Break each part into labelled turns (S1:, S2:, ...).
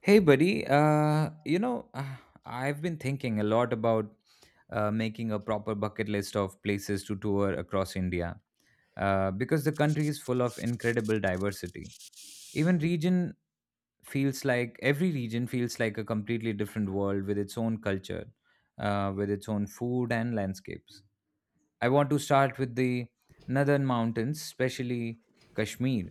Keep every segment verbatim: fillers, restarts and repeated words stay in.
S1: Hey, buddy. Uh, you know, uh, I've been thinking a lot about uh, making a proper bucket list of places to tour across India uh, because the country is full of incredible diversity. Even region feels like Every region feels like a completely different world with its own culture, uh, with its own food and landscapes. I want to start with the northern mountains, especially Kashmir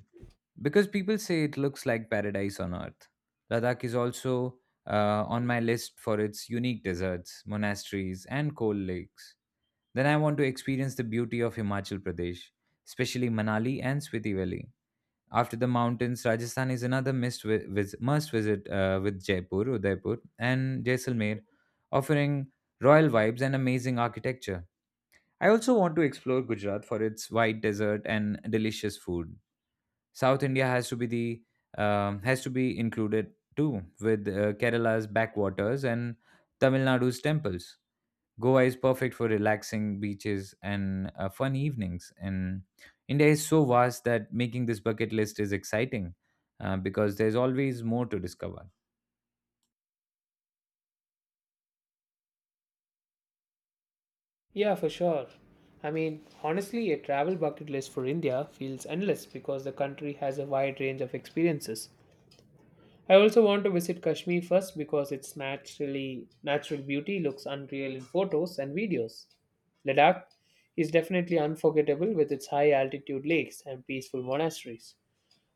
S1: because people say it looks like paradise on earth. Ladakh is also uh, on my list for its unique deserts, monasteries, and cold lakes. Then I want to experience the beauty of Himachal Pradesh, especially Manali and Spiti Valley. After the mountains, Rajasthan is another must, vi- vis- must visit uh, with Jaipur, Udaipur, and Jaisalmer, offering royal vibes and amazing architecture. I also want to explore Gujarat for its wide desert and delicious food. South India has to be the um, has to be included too, with uh, Kerala's backwaters and Tamil Nadu's temples. Goa is perfect for relaxing beaches and uh, fun evenings. And India is so vast that making this bucket list is exciting uh, because there's always more to discover.
S2: Yeah, for sure. I mean, honestly, a travel bucket list for India feels endless because the country has a wide range of experiences. I also want to visit Kashmir first because its naturally natural beauty looks unreal in photos and videos. Ladakh is definitely unforgettable with its high altitude lakes and peaceful monasteries.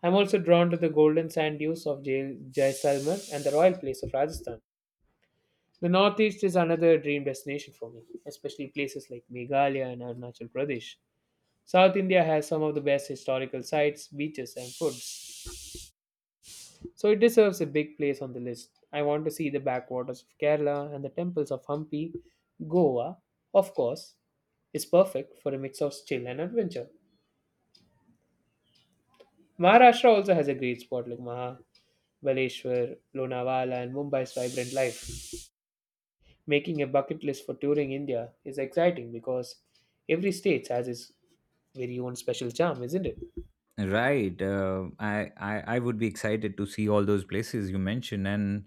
S2: I'm also drawn to the golden sand dunes of Jai- Jaisalmer and the royal place of Rajasthan. The Northeast is another dream destination for me, especially places like Meghalaya and Arunachal Pradesh. South India has some of the best historical sites, beaches, and foods, so it deserves a big place on the list. I want to see the backwaters of Kerala and the temples of Hampi. Goa, of course, is perfect for a mix of chill and adventure. Maharashtra also has a great spot like Maha, Baleshwar, Lonavala, and Mumbai's vibrant life. Making a bucket list for touring India is exciting because every state has its very own special charm, isn't it?
S1: Right. Uh, I, I I would be excited to see all those places you mentioned. And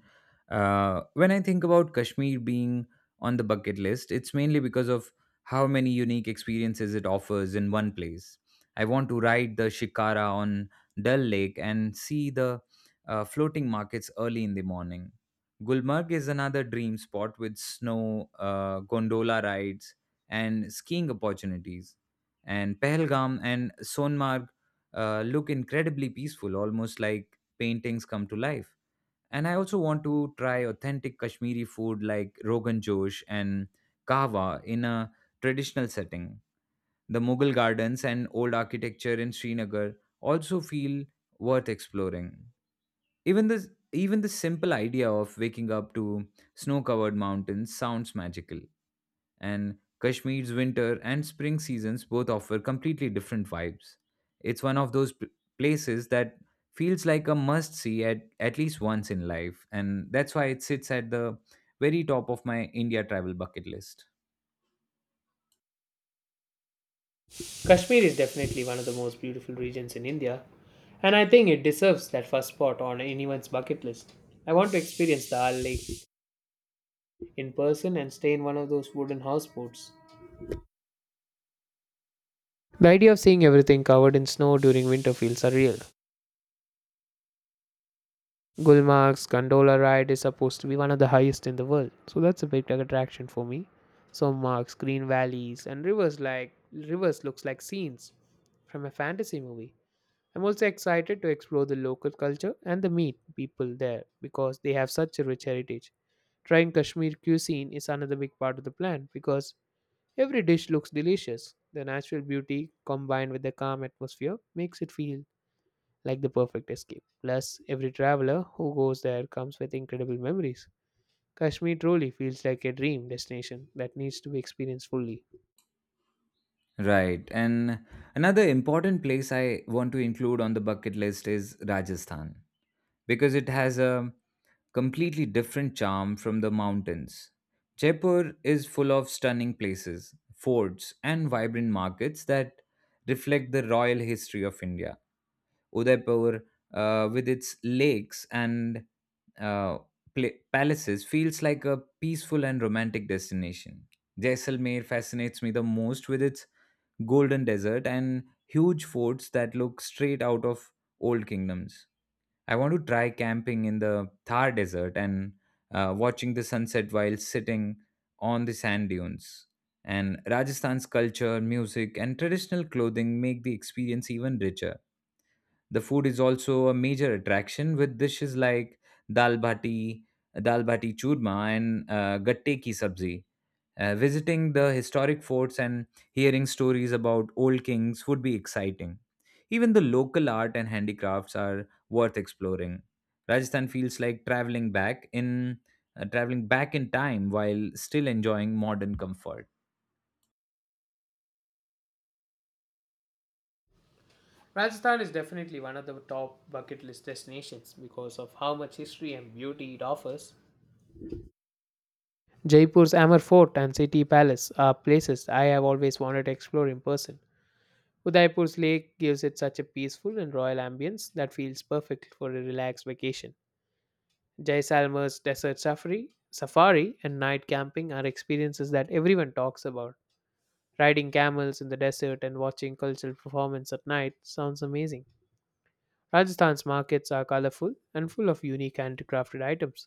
S1: uh, when I think about Kashmir being on the bucket list, it's mainly because of how many unique experiences it offers in one place. I want to ride the Shikara on Dal Lake and see the uh, floating markets early in the morning. Gulmarg is another dream spot with snow, uh, gondola rides, and skiing opportunities. And Pahalgam and Sonmarg uh, look incredibly peaceful, almost like paintings come to life. And I also want to try authentic Kashmiri food like Rogan Josh and Kahwa in a traditional setting. The Mughal gardens and old architecture in Srinagar also feel worth exploring. Even the even the simple idea of waking up to snow-covered mountains sounds magical, and Kashmir's winter and spring seasons both offer completely different vibes. It's one of those p- places that feels like a must see at, at least once in life, and that's why it sits at the very top of my India travel bucket list.
S2: Kashmir is definitely one of the most beautiful regions in India, and I think it deserves that first spot on anyone's bucket list. I want to experience the Al Lake in person and stay in one of those wooden houseboats. The idea of seeing everything covered in snow during winter feels surreal. Gulmarg's gondola ride is supposed to be one of the highest in the world, so that's a big attraction for me. So marks, green valleys, and rivers like rivers looks like scenes from a fantasy movie. I'm also excited to explore the local culture and the meet people there because they have such a rich heritage. Trying Kashmir cuisine is another big part of the plan because every dish looks delicious. The natural beauty combined with the calm atmosphere makes it feel like the perfect escape. Plus, every traveler who goes there comes with incredible memories. Kashmir truly feels like a dream destination that needs to be experienced fully.
S1: Right, and another important place I want to include on the bucket list is Rajasthan, because it has a completely different charm from the mountains. Jaipur is full of stunning places, forts, and vibrant markets that reflect the royal history of India. Udaipur, uh, with its lakes and uh, pla- palaces, feels like a peaceful and romantic destination. Jaisalmer fascinates me the most with its golden desert and huge forts that look straight out of old kingdoms. I want to try camping in the Thar Desert and uh, watching the sunset while sitting on the sand dunes. And Rajasthan's culture, music, and traditional clothing make the experience even richer. The food is also a major attraction with dishes like dal bhati, dal bhati churma, and uh, gatte ki sabzi. Uh, visiting the historic forts and hearing stories about old kings would be exciting. Even the local art and handicrafts are worth exploring. Rajasthan feels like traveling back in uh, traveling back in time while still enjoying modern comfort.
S2: Rajasthan is definitely one of the top bucket list destinations because of how much history and beauty it offers. Jaipur's Amber Fort and City Palace are places I have always wanted to explore in person. Udaipur's lake gives it such a peaceful and royal ambience that feels perfect for a relaxed vacation. Jaisalmer's desert safari, safari and night camping are experiences that everyone talks about. Riding camels in the desert and watching cultural performance at night sounds amazing. Rajasthan's markets are colorful and full of unique handcrafted items.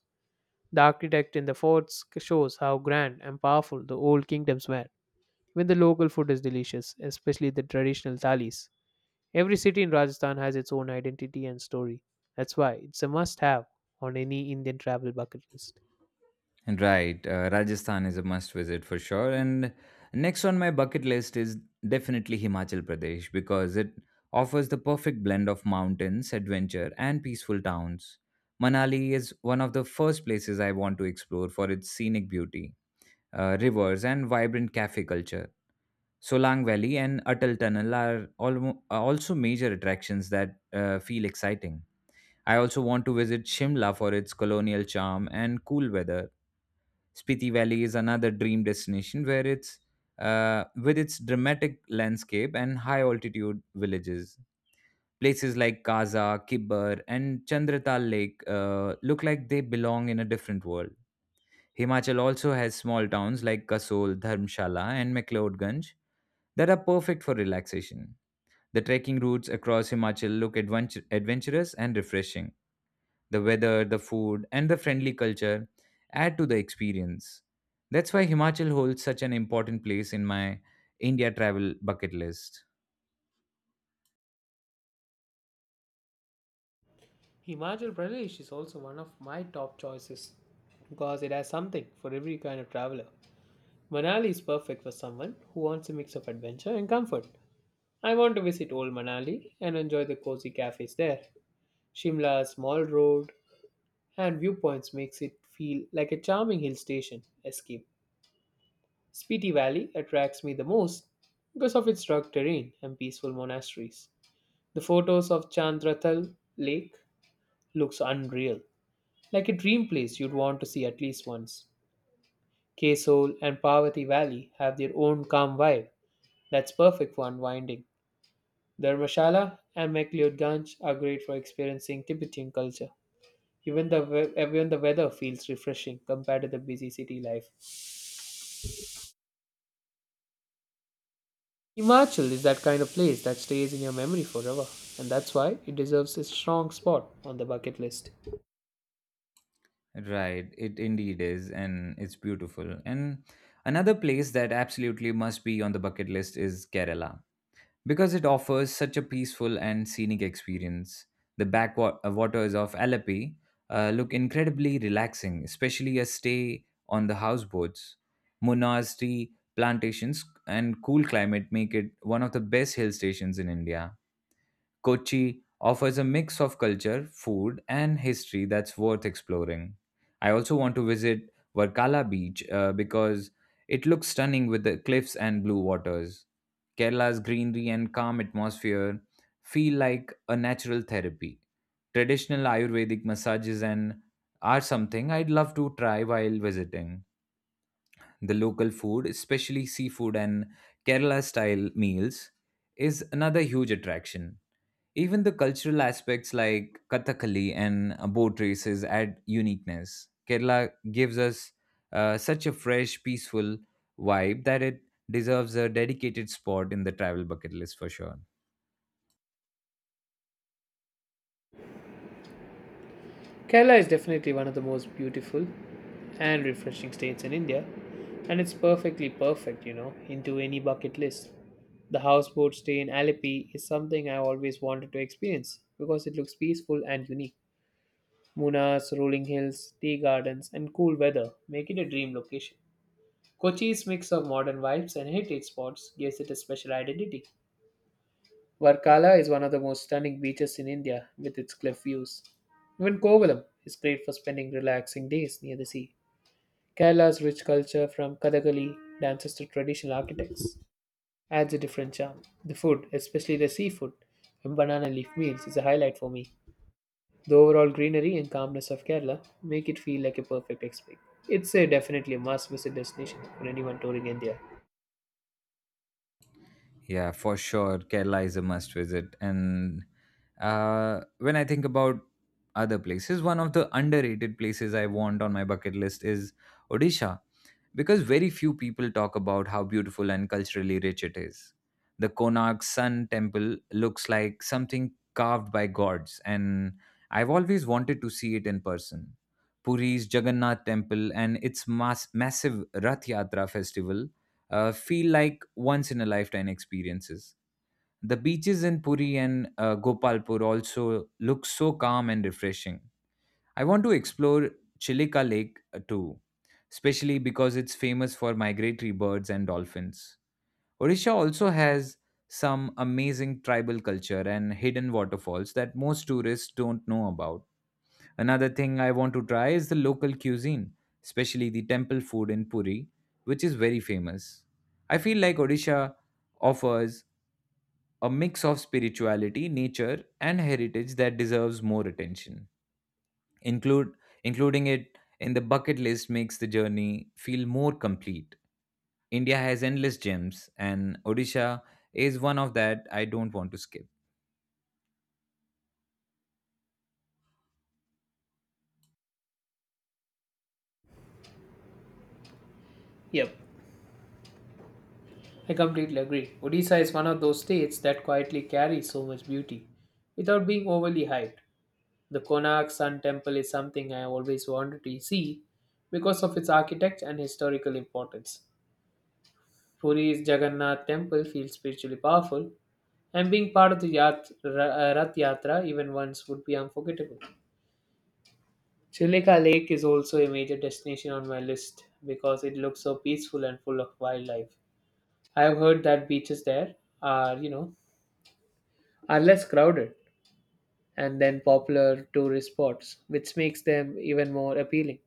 S2: The architect in the forts shows how grand and powerful the old kingdoms were. Even the local food is delicious, especially the traditional thalis. Every city in Rajasthan has its own identity and story. That's why it's a must have on any Indian travel bucket list.
S1: Right, uh, Rajasthan is a must visit for sure. And next on my bucket list is definitely Himachal Pradesh because it offers the perfect blend of mountains, adventure, and peaceful towns. Manali is one of the first places I want to explore for its scenic beauty, uh, rivers, and vibrant cafe culture. Solang Valley and Atal Tunnel are almo- are also major attractions that uh, feel exciting. I also want to visit Shimla for its colonial charm and cool weather. Spiti Valley is another dream destination where it's uh, with its dramatic landscape and high altitude villages. Places like Kaza, Kibber, and Chandratal Lake uh, look like they belong in a different world. Himachal also has small towns like Kasol, Dharmshala, and McLeodganj that are perfect for relaxation. The trekking routes across Himachal look adventure- adventurous and refreshing. The weather, the food, and the friendly culture add to the experience. That's why Himachal holds such an important place in my India travel bucket list.
S2: Himachal Pradesh is also one of my top choices because it has something for every kind of traveler. Manali is perfect for someone who wants a mix of adventure and comfort. I want to visit Old Manali and enjoy the cozy cafes there. Shimla's small road and viewpoints makes it feel like a charming hill station escape. Spiti Valley attracts me the most because of its rugged terrain and peaceful monasteries. The photos of Chandratal Lake looks unreal, like a dream place you'd want to see at least once. Kesol and Parvati Valley have their own calm vibe that's perfect for unwinding. Dharmshala and McLeodganj are great for experiencing Tibetan culture. Even the, we- even the weather feels refreshing compared to the busy city life. Himachal is that kind of place that stays in your memory forever, and that's why it deserves a strong spot on the bucket list.
S1: Right, it indeed is, and it's beautiful. And another place that absolutely must be on the bucket list is Kerala, because it offers such a peaceful and scenic experience. The backwaters of Alapi uh, look incredibly relaxing, especially a stay on the houseboats. Munar's tea plantations and cool climate make it one of the best hill stations in India. Kochi offers a mix of culture, food, and history that's worth exploring. I also want to visit Varkala Beach uh, because it looks stunning with the cliffs and blue waters. Kerala's greenery and calm atmosphere feel like a natural therapy. Traditional Ayurvedic massages and are something I'd love to try while visiting. The local food, especially seafood and Kerala style meals, is another huge attraction. Even the cultural aspects like Kathakali and uh, boat races add uniqueness. Kerala gives us uh, such a fresh, peaceful vibe that it deserves a dedicated spot in the travel bucket list for sure.
S2: Kerala is definitely one of the most beautiful and refreshing states in India, and it's perfectly perfect, you know, into any bucket list. The houseboat stay in Alleppey is something I always wanted to experience because it looks peaceful and unique. Muna's rolling hills, tea gardens, and cool weather make it a dream location. Kochi's mix of modern vibes and heritage spots gives it a special identity. Varkala is one of the most stunning beaches in India with its cliff views. Even Kovalam is great for spending relaxing days near the sea. Kerala's rich culture, from Kathakali dances to traditional architects, adds a different charm. The food, especially the seafood and banana leaf meals, is a highlight for me. The overall greenery and calmness of Kerala make it feel like a perfect escape. It's a definitely a must visit destination for anyone touring India.
S1: Yeah, for sure. Kerala is a must visit. And uh, when I think about other places, one of the underrated places I want on my bucket list is Odisha, because very few people talk about how beautiful and culturally rich it is. The Konark Sun Temple looks like something carved by gods, and I've always wanted to see it in person. Puri's Jagannath Temple and its mass- massive Rath Yatra festival uh, feel like once in a lifetime experiences. The beaches in Puri and uh, Gopalpur also look so calm and refreshing. I want to explore Chilika Lake uh, too, especially because it's famous for migratory birds and dolphins. Odisha also has some amazing tribal culture and hidden waterfalls that most tourists don't know about. Another thing I want to try is the local cuisine, especially the temple food in Puri, which is very famous. I feel like Odisha offers a mix of spirituality, nature, and heritage that deserves more attention. Include Including it in the bucket list makes the journey feel more complete. India has endless gems, and Odisha is one of that I don't want to skip.
S2: Yep. I completely agree. Odisha is one of those states that quietly carries so much beauty without being overly hyped. The Konark Sun Temple is something I have always wanted to see because of its architecture and historical importance. Puri's Jagannath Temple feels spiritually powerful, and being part of the Yat- Ra- uh, Rath Yatra even once would be unforgettable. Chilika Lake is also a major destination on my list because it looks so peaceful and full of wildlife. I have heard that beaches there are, you know, are less crowded and than popular tourist spots, which makes them even more appealing.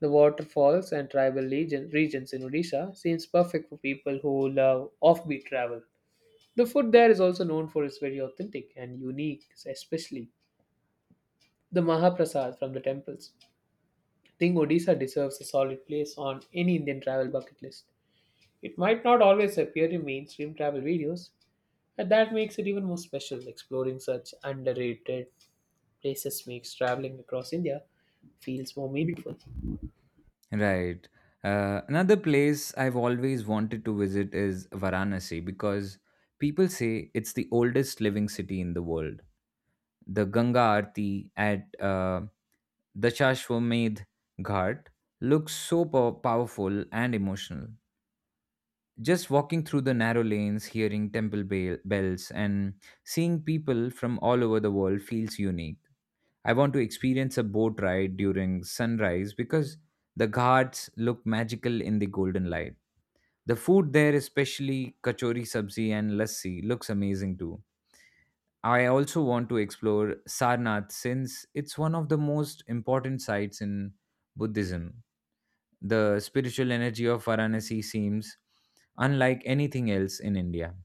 S2: The waterfalls and tribal region, regions in Odisha seems perfect for people who love offbeat travel. The food there is also known for its very authentic and unique, especially the Mahaprasad from the temples. I think Odisha deserves a solid place on any Indian travel bucket list. It might not always appear in mainstream travel videos, and that makes it even more special. Exploring such underrated places makes traveling across India feels more meaningful.
S1: Right. Uh, another place I've always wanted to visit is Varanasi because people say it's the oldest living city in the world. The Ganga Aarti at uh, Dashashwamedh Ghat looks so pow- powerful and emotional. Just walking through the narrow lanes, hearing temple bell- bells, and seeing people from all over the world feels unique. I want to experience a boat ride during sunrise because the ghats look magical in the golden light. The food there, especially kachori sabzi and lassi, looks amazing too. I also want to explore Sarnath since it's one of the most important sites in Buddhism. The spiritual energy of Varanasi seems unlike anything else in India.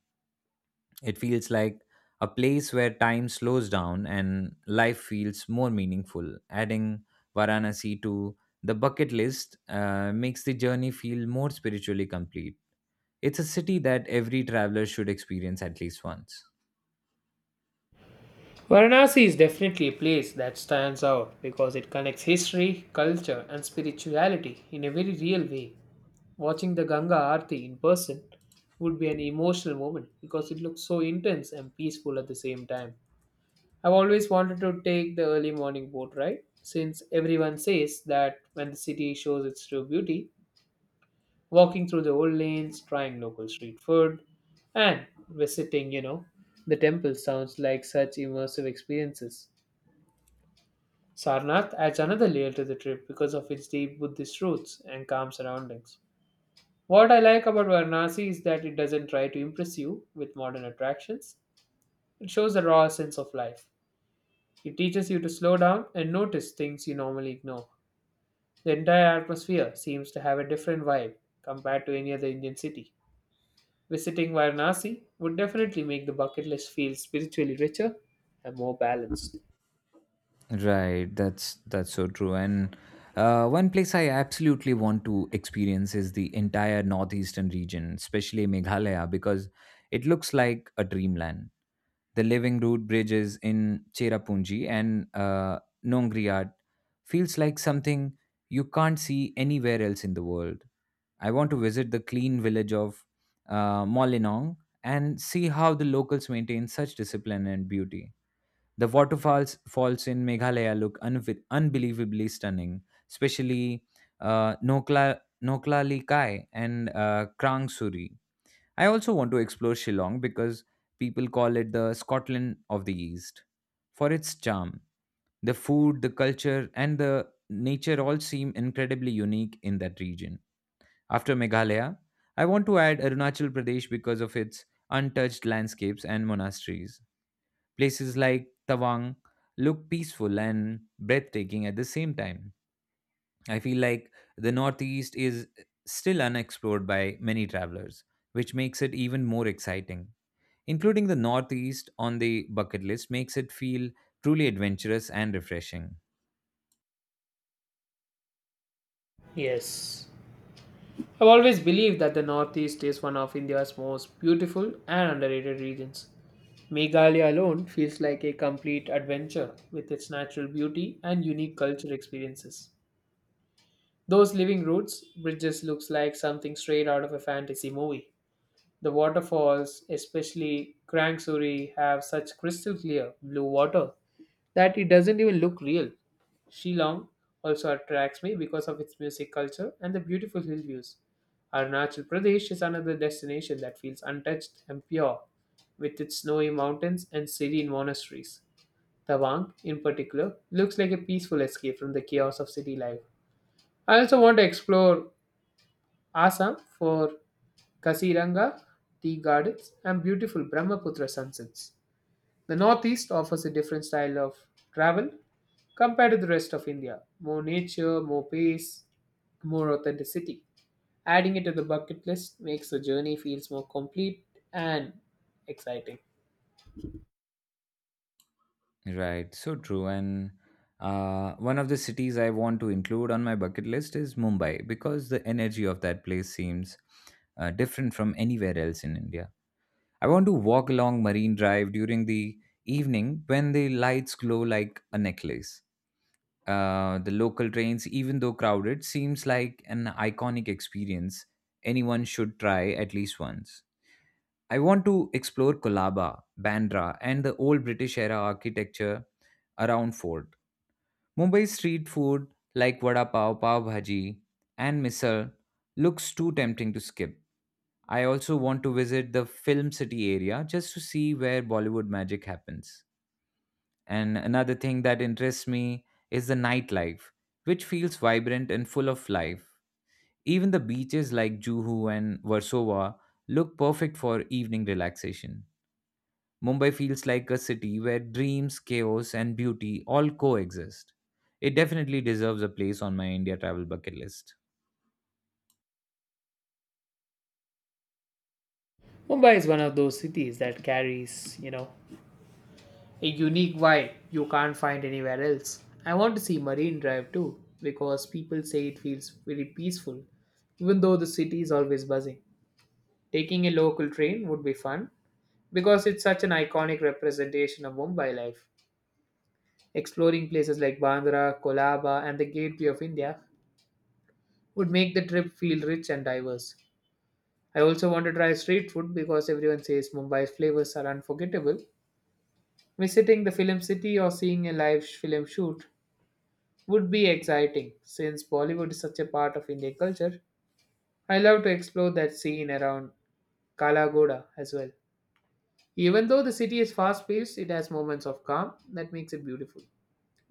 S1: It feels like a place where time slows down and life feels more meaningful. Adding Varanasi to the bucket list uh, makes the journey feel more spiritually complete. It's a city that every traveler should experience at least once.
S2: Varanasi is definitely a place that stands out because it connects history, culture, and spirituality in a very real way. Watching the Ganga Aarti in person would be an emotional moment because it looks so intense and peaceful at the same time. I've always wanted to take the early morning boat ride since everyone says that when the city shows its true beauty, walking through the old lanes, trying local street food, and visiting, you know, the temple sounds like such immersive experiences. Sarnath adds another layer to the trip because of its deep Buddhist roots and calm surroundings. What I like about Varanasi is that it doesn't try to impress you with modern attractions. It shows a raw sense of life. It teaches you to slow down and notice things you normally ignore. The entire atmosphere seems to have a different vibe compared to any other Indian city. Visiting Varanasi would definitely make the bucket list feel spiritually richer and more balanced.
S1: Right, that's that's so true. And uh, one place I absolutely want to experience is the entire northeastern region, especially Meghalaya, because it looks like a dreamland. The living root bridges in Cherrapunji and uh, Nongriat feels like something you can't see anywhere else in the world. I want to visit the clean village of uh, Molinong and see how the locals maintain such discipline and beauty. The waterfalls falls in Meghalaya look unvi- unbelievably stunning, especially uh, Nokla Noklali Kai and uh, Krang Suri. I also want to explore Shillong because people call it the Scotland of the East for its charm. The food, the culture, and the nature all seem incredibly unique in that region. After Meghalaya, I want to add Arunachal Pradesh because of its untouched landscapes and monasteries. Places like Tawang look peaceful and breathtaking at the same time. I feel like the Northeast is still unexplored by many travelers, which makes it even more exciting. Including the Northeast on the bucket list makes it feel truly adventurous and refreshing.
S2: Yes. I've always believed that the Northeast is one of India's most beautiful and underrated regions. Meghalaya alone feels like a complete adventure with its natural beauty and unique culture experiences. Those living roots, bridges looks like something straight out of a fantasy movie. The waterfalls, especially Krang Suri, have such crystal clear blue water that it doesn't even look real. Shillong also attracts me because of its music culture and the beautiful hill views. Arunachal Pradesh is another destination that feels untouched and pure, with its snowy mountains and serene monasteries. Tawang, in particular, looks like a peaceful escape from the chaos of city life. I also want to explore Assam for Kasiranga tea gardens and beautiful Brahmaputra sunsets. The northeast offers a different style of travel compared to the rest of India more nature, more pace, more authenticity. Adding it to the bucket list makes the journey feels more complete and exciting.
S1: Right, so true. And uh, one of the cities I want to include on my bucket list is Mumbai because the energy of that place seems uh, different from anywhere else in India. I want to walk along Marine Drive during the evening when the lights glow like a necklace. Uh, the local trains, even though crowded, seems like an iconic experience anyone should try at least once. I want to explore Kolaba, Bandra, and the old British era architecture around Fort. Mumbai street food like vada pav, pav bhaji, and misal looks too tempting to skip. I also want to visit the film city area just to see where Bollywood magic happens. And another thing that interests me is the nightlife, which feels vibrant and full of life. Even the beaches like Juhu and Warsaw look perfect for evening relaxation. Mumbai feels like a city where dreams, chaos, and beauty all coexist. It definitely deserves a place on my India travel bucket list.
S2: Mumbai is one of those cities that carries, you know, a unique vibe you can't find anywhere else. I want to see Marine Drive too because people say it feels very peaceful even though the city is always buzzing. Taking a local train would be fun because it's such an iconic representation of Mumbai life. Exploring places like Bandra, Kolaba, and the Gateway of India would make the trip feel rich and diverse. I also want to try street food because everyone says Mumbai's flavors are unforgettable. Visiting the film city or seeing a live sh- film shoot would be exciting since Bollywood is such a part of Indian culture. I love to explore that scene around Kalagoda as well. Even though the city is fast paced, it has moments of calm that makes it beautiful.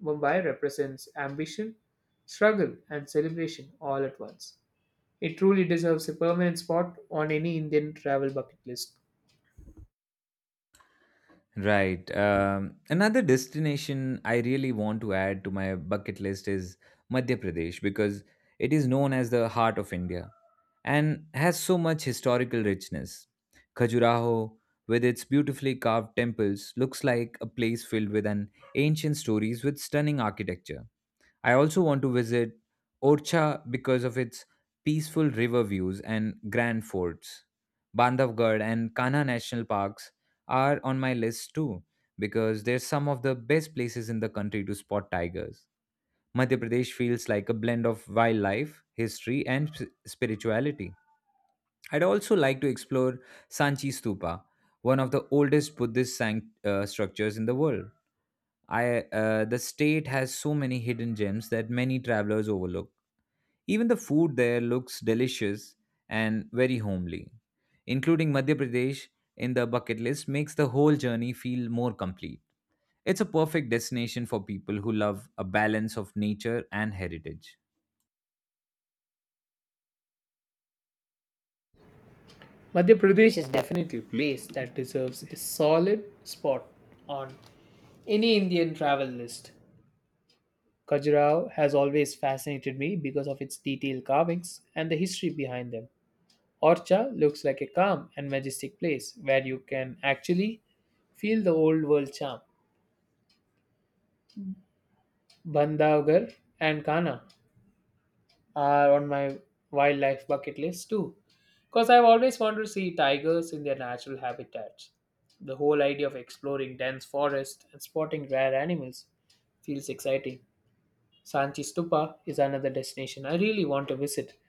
S2: Mumbai represents ambition, struggle, and celebration all at once. It truly deserves a permanent spot on any Indian travel bucket list.
S1: Right. Um, another destination I really want to add to my bucket list is Madhya Pradesh because it is known as the heart of India and has so much historical richness. Khajuraho, with its beautifully carved temples, looks like a place filled with an ancient stories with stunning architecture. I also want to visit Orcha because of its peaceful river views and grand forts. Bandhavgarh and Kanha National Parks are on my list too because they're some of the best places in the country to spot tigers. Madhya Pradesh feels like a blend of wildlife, history, and s- spirituality. I'd also like to explore Sanchi Stupa, one of the oldest Buddhist sanct- uh, structures in the world. I uh, The state has so many hidden gems that many travelers overlook. Even the food there looks delicious and very homely. Including Madhya Pradesh in the bucket list makes the whole journey feel more complete. It's a perfect destination for people who love a balance of nature and heritage.
S2: Madhya Pradesh is definitely a place that deserves a solid spot on any Indian travel list. Khajuraho has always fascinated me because of its detailed carvings and the history behind them. Orcha looks like a calm and majestic place where you can actually feel the old world charm. Bandhavgarh and Kana are on my wildlife bucket list too, because I've always wanted to see tigers in their natural habitats. The whole idea of exploring dense forests and spotting rare animals feels exciting. Sanchi Stupa is another destination I really want to visit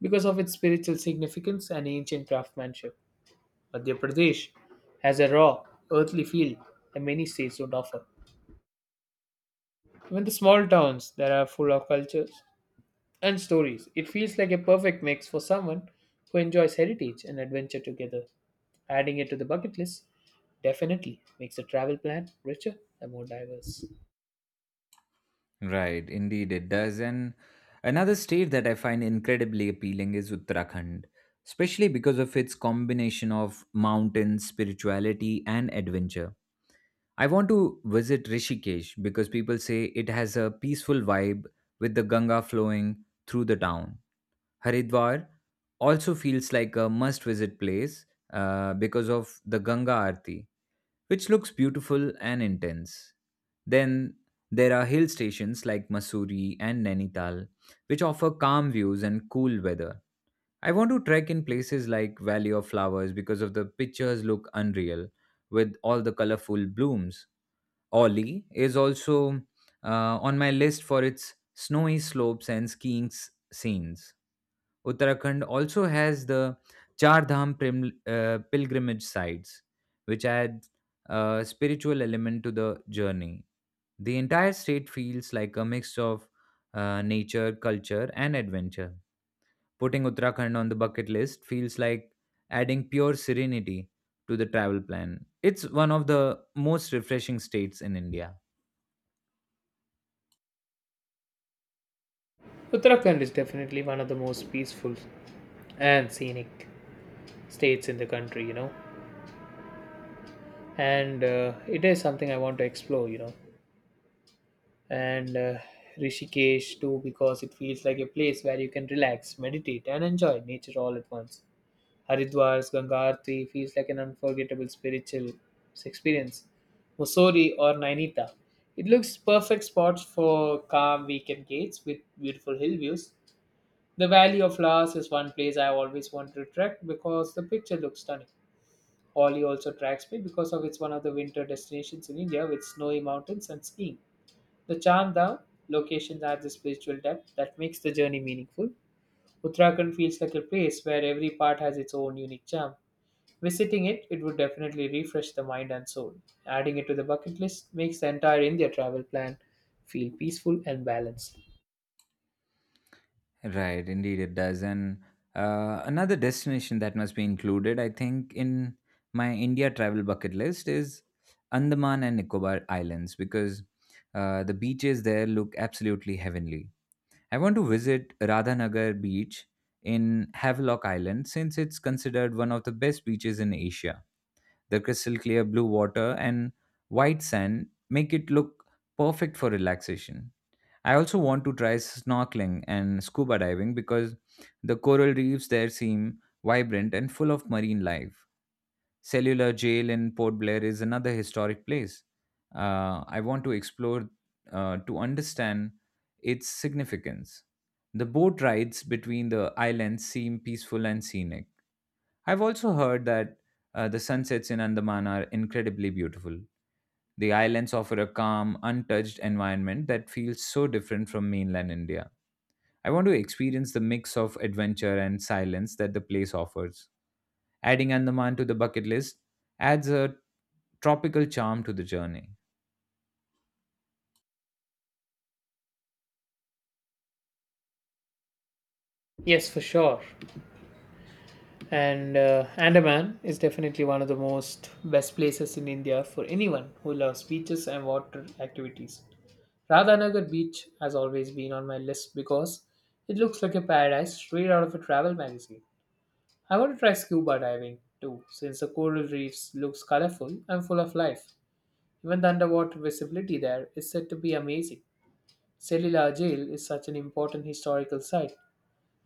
S2: because of its spiritual significance and ancient craftsmanship. Madhya Pradesh has a raw, earthly feel that many states don't offer. Even the small towns that are full of cultures and stories. It feels like a perfect mix for someone who enjoys heritage and adventure together. Adding it to the bucket list definitely makes the travel plan richer and more diverse.
S1: Right, indeed it does. And another state that I find incredibly appealing is Uttarakhand, especially because of its combination of mountains, spirituality, and adventure. I want to visit Rishikesh because people say it has a peaceful vibe with the Ganga flowing through the town. Haridwar also feels like a must visit place uh, because of the Ganga Aarti, which looks beautiful and intense. Then there are hill stations like Mussoorie and Nainital, which offer calm views and cool weather. I want to trek in places like Valley of Flowers because of the pictures look unreal with all the colorful blooms. Ollie is also uh, on my list for its snowy slopes and skiing s- scenes. Uttarakhand also has the Char Dham prim- uh, pilgrimage sites, which add a spiritual element to the journey. The entire state feels like a mix of uh, nature, culture, and adventure. Putting Uttarakhand on the bucket list feels like adding pure serenity to the travel plan. It's one of the most refreshing states in India.
S2: Uttarakhand is definitely one of the most peaceful and scenic states in the country, you know, and uh, it is something I want to explore, you know, and uh, Rishikesh too because it feels like a place where you can relax, meditate, and enjoy nature all at once. Haridwar's Ganga Aarti feels like an unforgettable spiritual experience. Mussoorie or Nainita. It looks perfect spots for calm weekend gates with beautiful hill views. The Valley of Flowers is one place I always want to trek because the picture looks stunning. Holi also attracts me because of it's one of the winter destinations in India with snowy mountains and skiing. The Chandha locations add the spiritual depth that makes the journey meaningful. Uttarakhand feels like a place where every part has its own unique charm. Visiting it, it would definitely refresh the mind and soul. Adding it to the bucket list makes the entire India travel plan feel peaceful and balanced.
S1: Right, indeed it does. And uh, another destination that must be included, I think, in my India travel bucket list is Andaman and Nicobar Islands because uh, the beaches there look absolutely heavenly. I want to visit Radhanagar Beach in Havelock Island since it's considered one of the best beaches in Asia. The crystal clear blue water and white sand make it look perfect for relaxation. I also want to try snorkeling and scuba diving because the coral reefs there seem vibrant and full of marine life. Cellular Jail in Port Blair is another historic place. Uh, I want to explore uh, to understand its significance. The boat rides between the islands seem peaceful and scenic. I've also heard that uh, the sunsets in Andaman are incredibly beautiful. The islands offer a calm, untouched environment that feels so different from mainland India. I want to experience the mix of adventure and silence that the place offers. Adding Andaman to the bucket list adds a tropical charm to the journey.
S2: Yes, for sure. And uh, Andaman is definitely one of the most best places in India for anyone who loves beaches and water activities. Radhanagar Beach has always been on my list because it looks like a paradise straight out of a travel magazine. I want to try scuba diving too, since the coral reefs looks colorful and full of life. Even the underwater visibility there is said to be amazing. Cellular Jail is such an important historical site,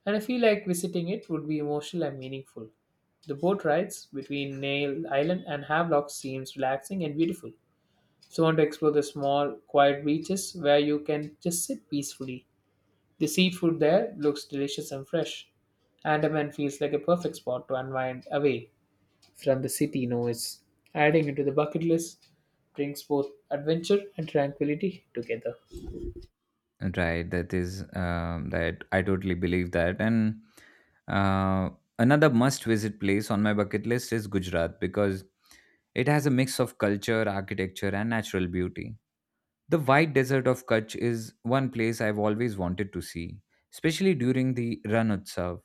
S2: and I feel like visiting it would be emotional and meaningful. The boat rides between Nail Island and Havelock seems relaxing and beautiful. So I want to explore the small, quiet beaches where you can just sit peacefully. The seafood there looks delicious and fresh. Andaman feels like a perfect spot to unwind away from the city noise. Adding it to the bucket list brings both adventure and tranquility together.
S1: Right, that is um, that I totally believe that. And uh, another must-visit place on my bucket list is Gujarat because it has a mix of culture, architecture, and natural beauty. The white desert of Kutch is one place I've always wanted to see, especially during the Ran Utsav.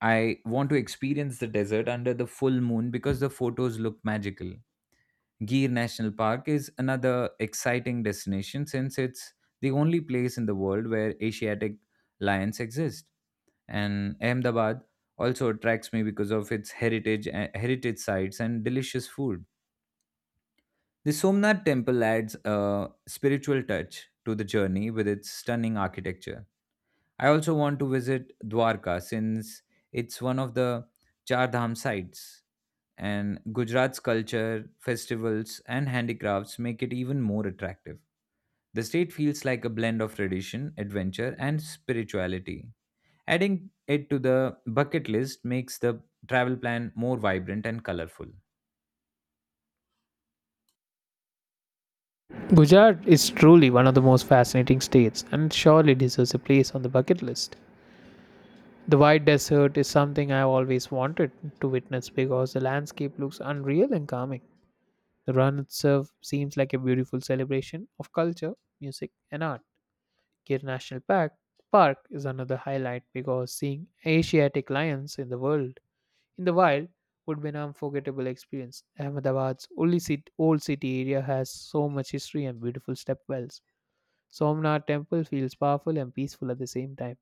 S1: I want to experience the desert under the full moon because the photos look magical. Gir National Park is another exciting destination since it's the only place in the world where Asiatic lions exist. And Ahmedabad also attracts me because of its heritage eh, heritage sites and delicious food. The Somnath temple adds a spiritual touch to the journey with its stunning architecture. I also want to visit Dwarka since it's one of the Char Dham sites, and Gujarat's culture, festivals, and handicrafts make it even more attractive. The state feels like a blend of tradition, adventure, and spirituality. Adding it to the bucket list makes the travel plan more vibrant and colorful.
S2: Gujarat is truly one of the most fascinating states and surely deserves a place on the bucket list. The white desert is something I've always wanted to witness because the landscape looks unreal and calming. The run itself seems like a beautiful celebration of culture, music, and art. Gir National Park, Park is another highlight because seeing Asiatic lions in the world in the wild would be an unforgettable experience. Ahmedabad's only cit- old city area has so much history and beautiful stepwells. Somnath temple feels powerful and peaceful at the same time.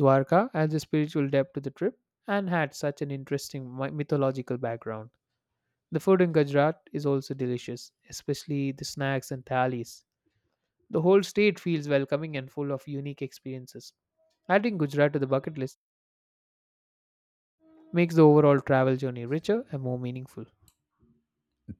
S2: Dwarka adds a spiritual depth to the trip and had such an interesting mi- mythological background. The food in Gujarat is also delicious, especially the snacks and thalis. The whole state feels welcoming and full of unique experiences. Adding Gujarat to the bucket list makes the overall travel journey richer and more meaningful.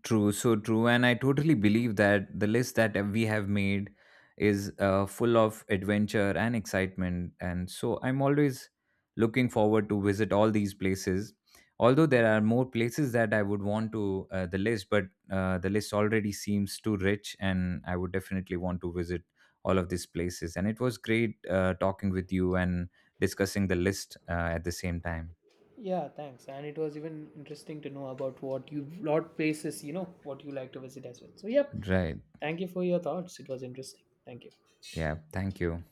S1: True, so true. And I totally believe that the list that we have made is uh, full of adventure and excitement. And so I'm always looking forward to visit all these places. Although there are more places that I would want to uh, the list, but uh, the list already seems too rich, and I would definitely want to visit all of these places. And it was great uh, talking with you and discussing the list uh, at the same time.
S2: Yeah, thanks. And it was even interesting to know about what you lot places, you know, what you like to visit as well. So, yep.
S1: Right.
S2: Thank you for your thoughts. It was interesting. Thank you.
S1: Yeah. Thank you.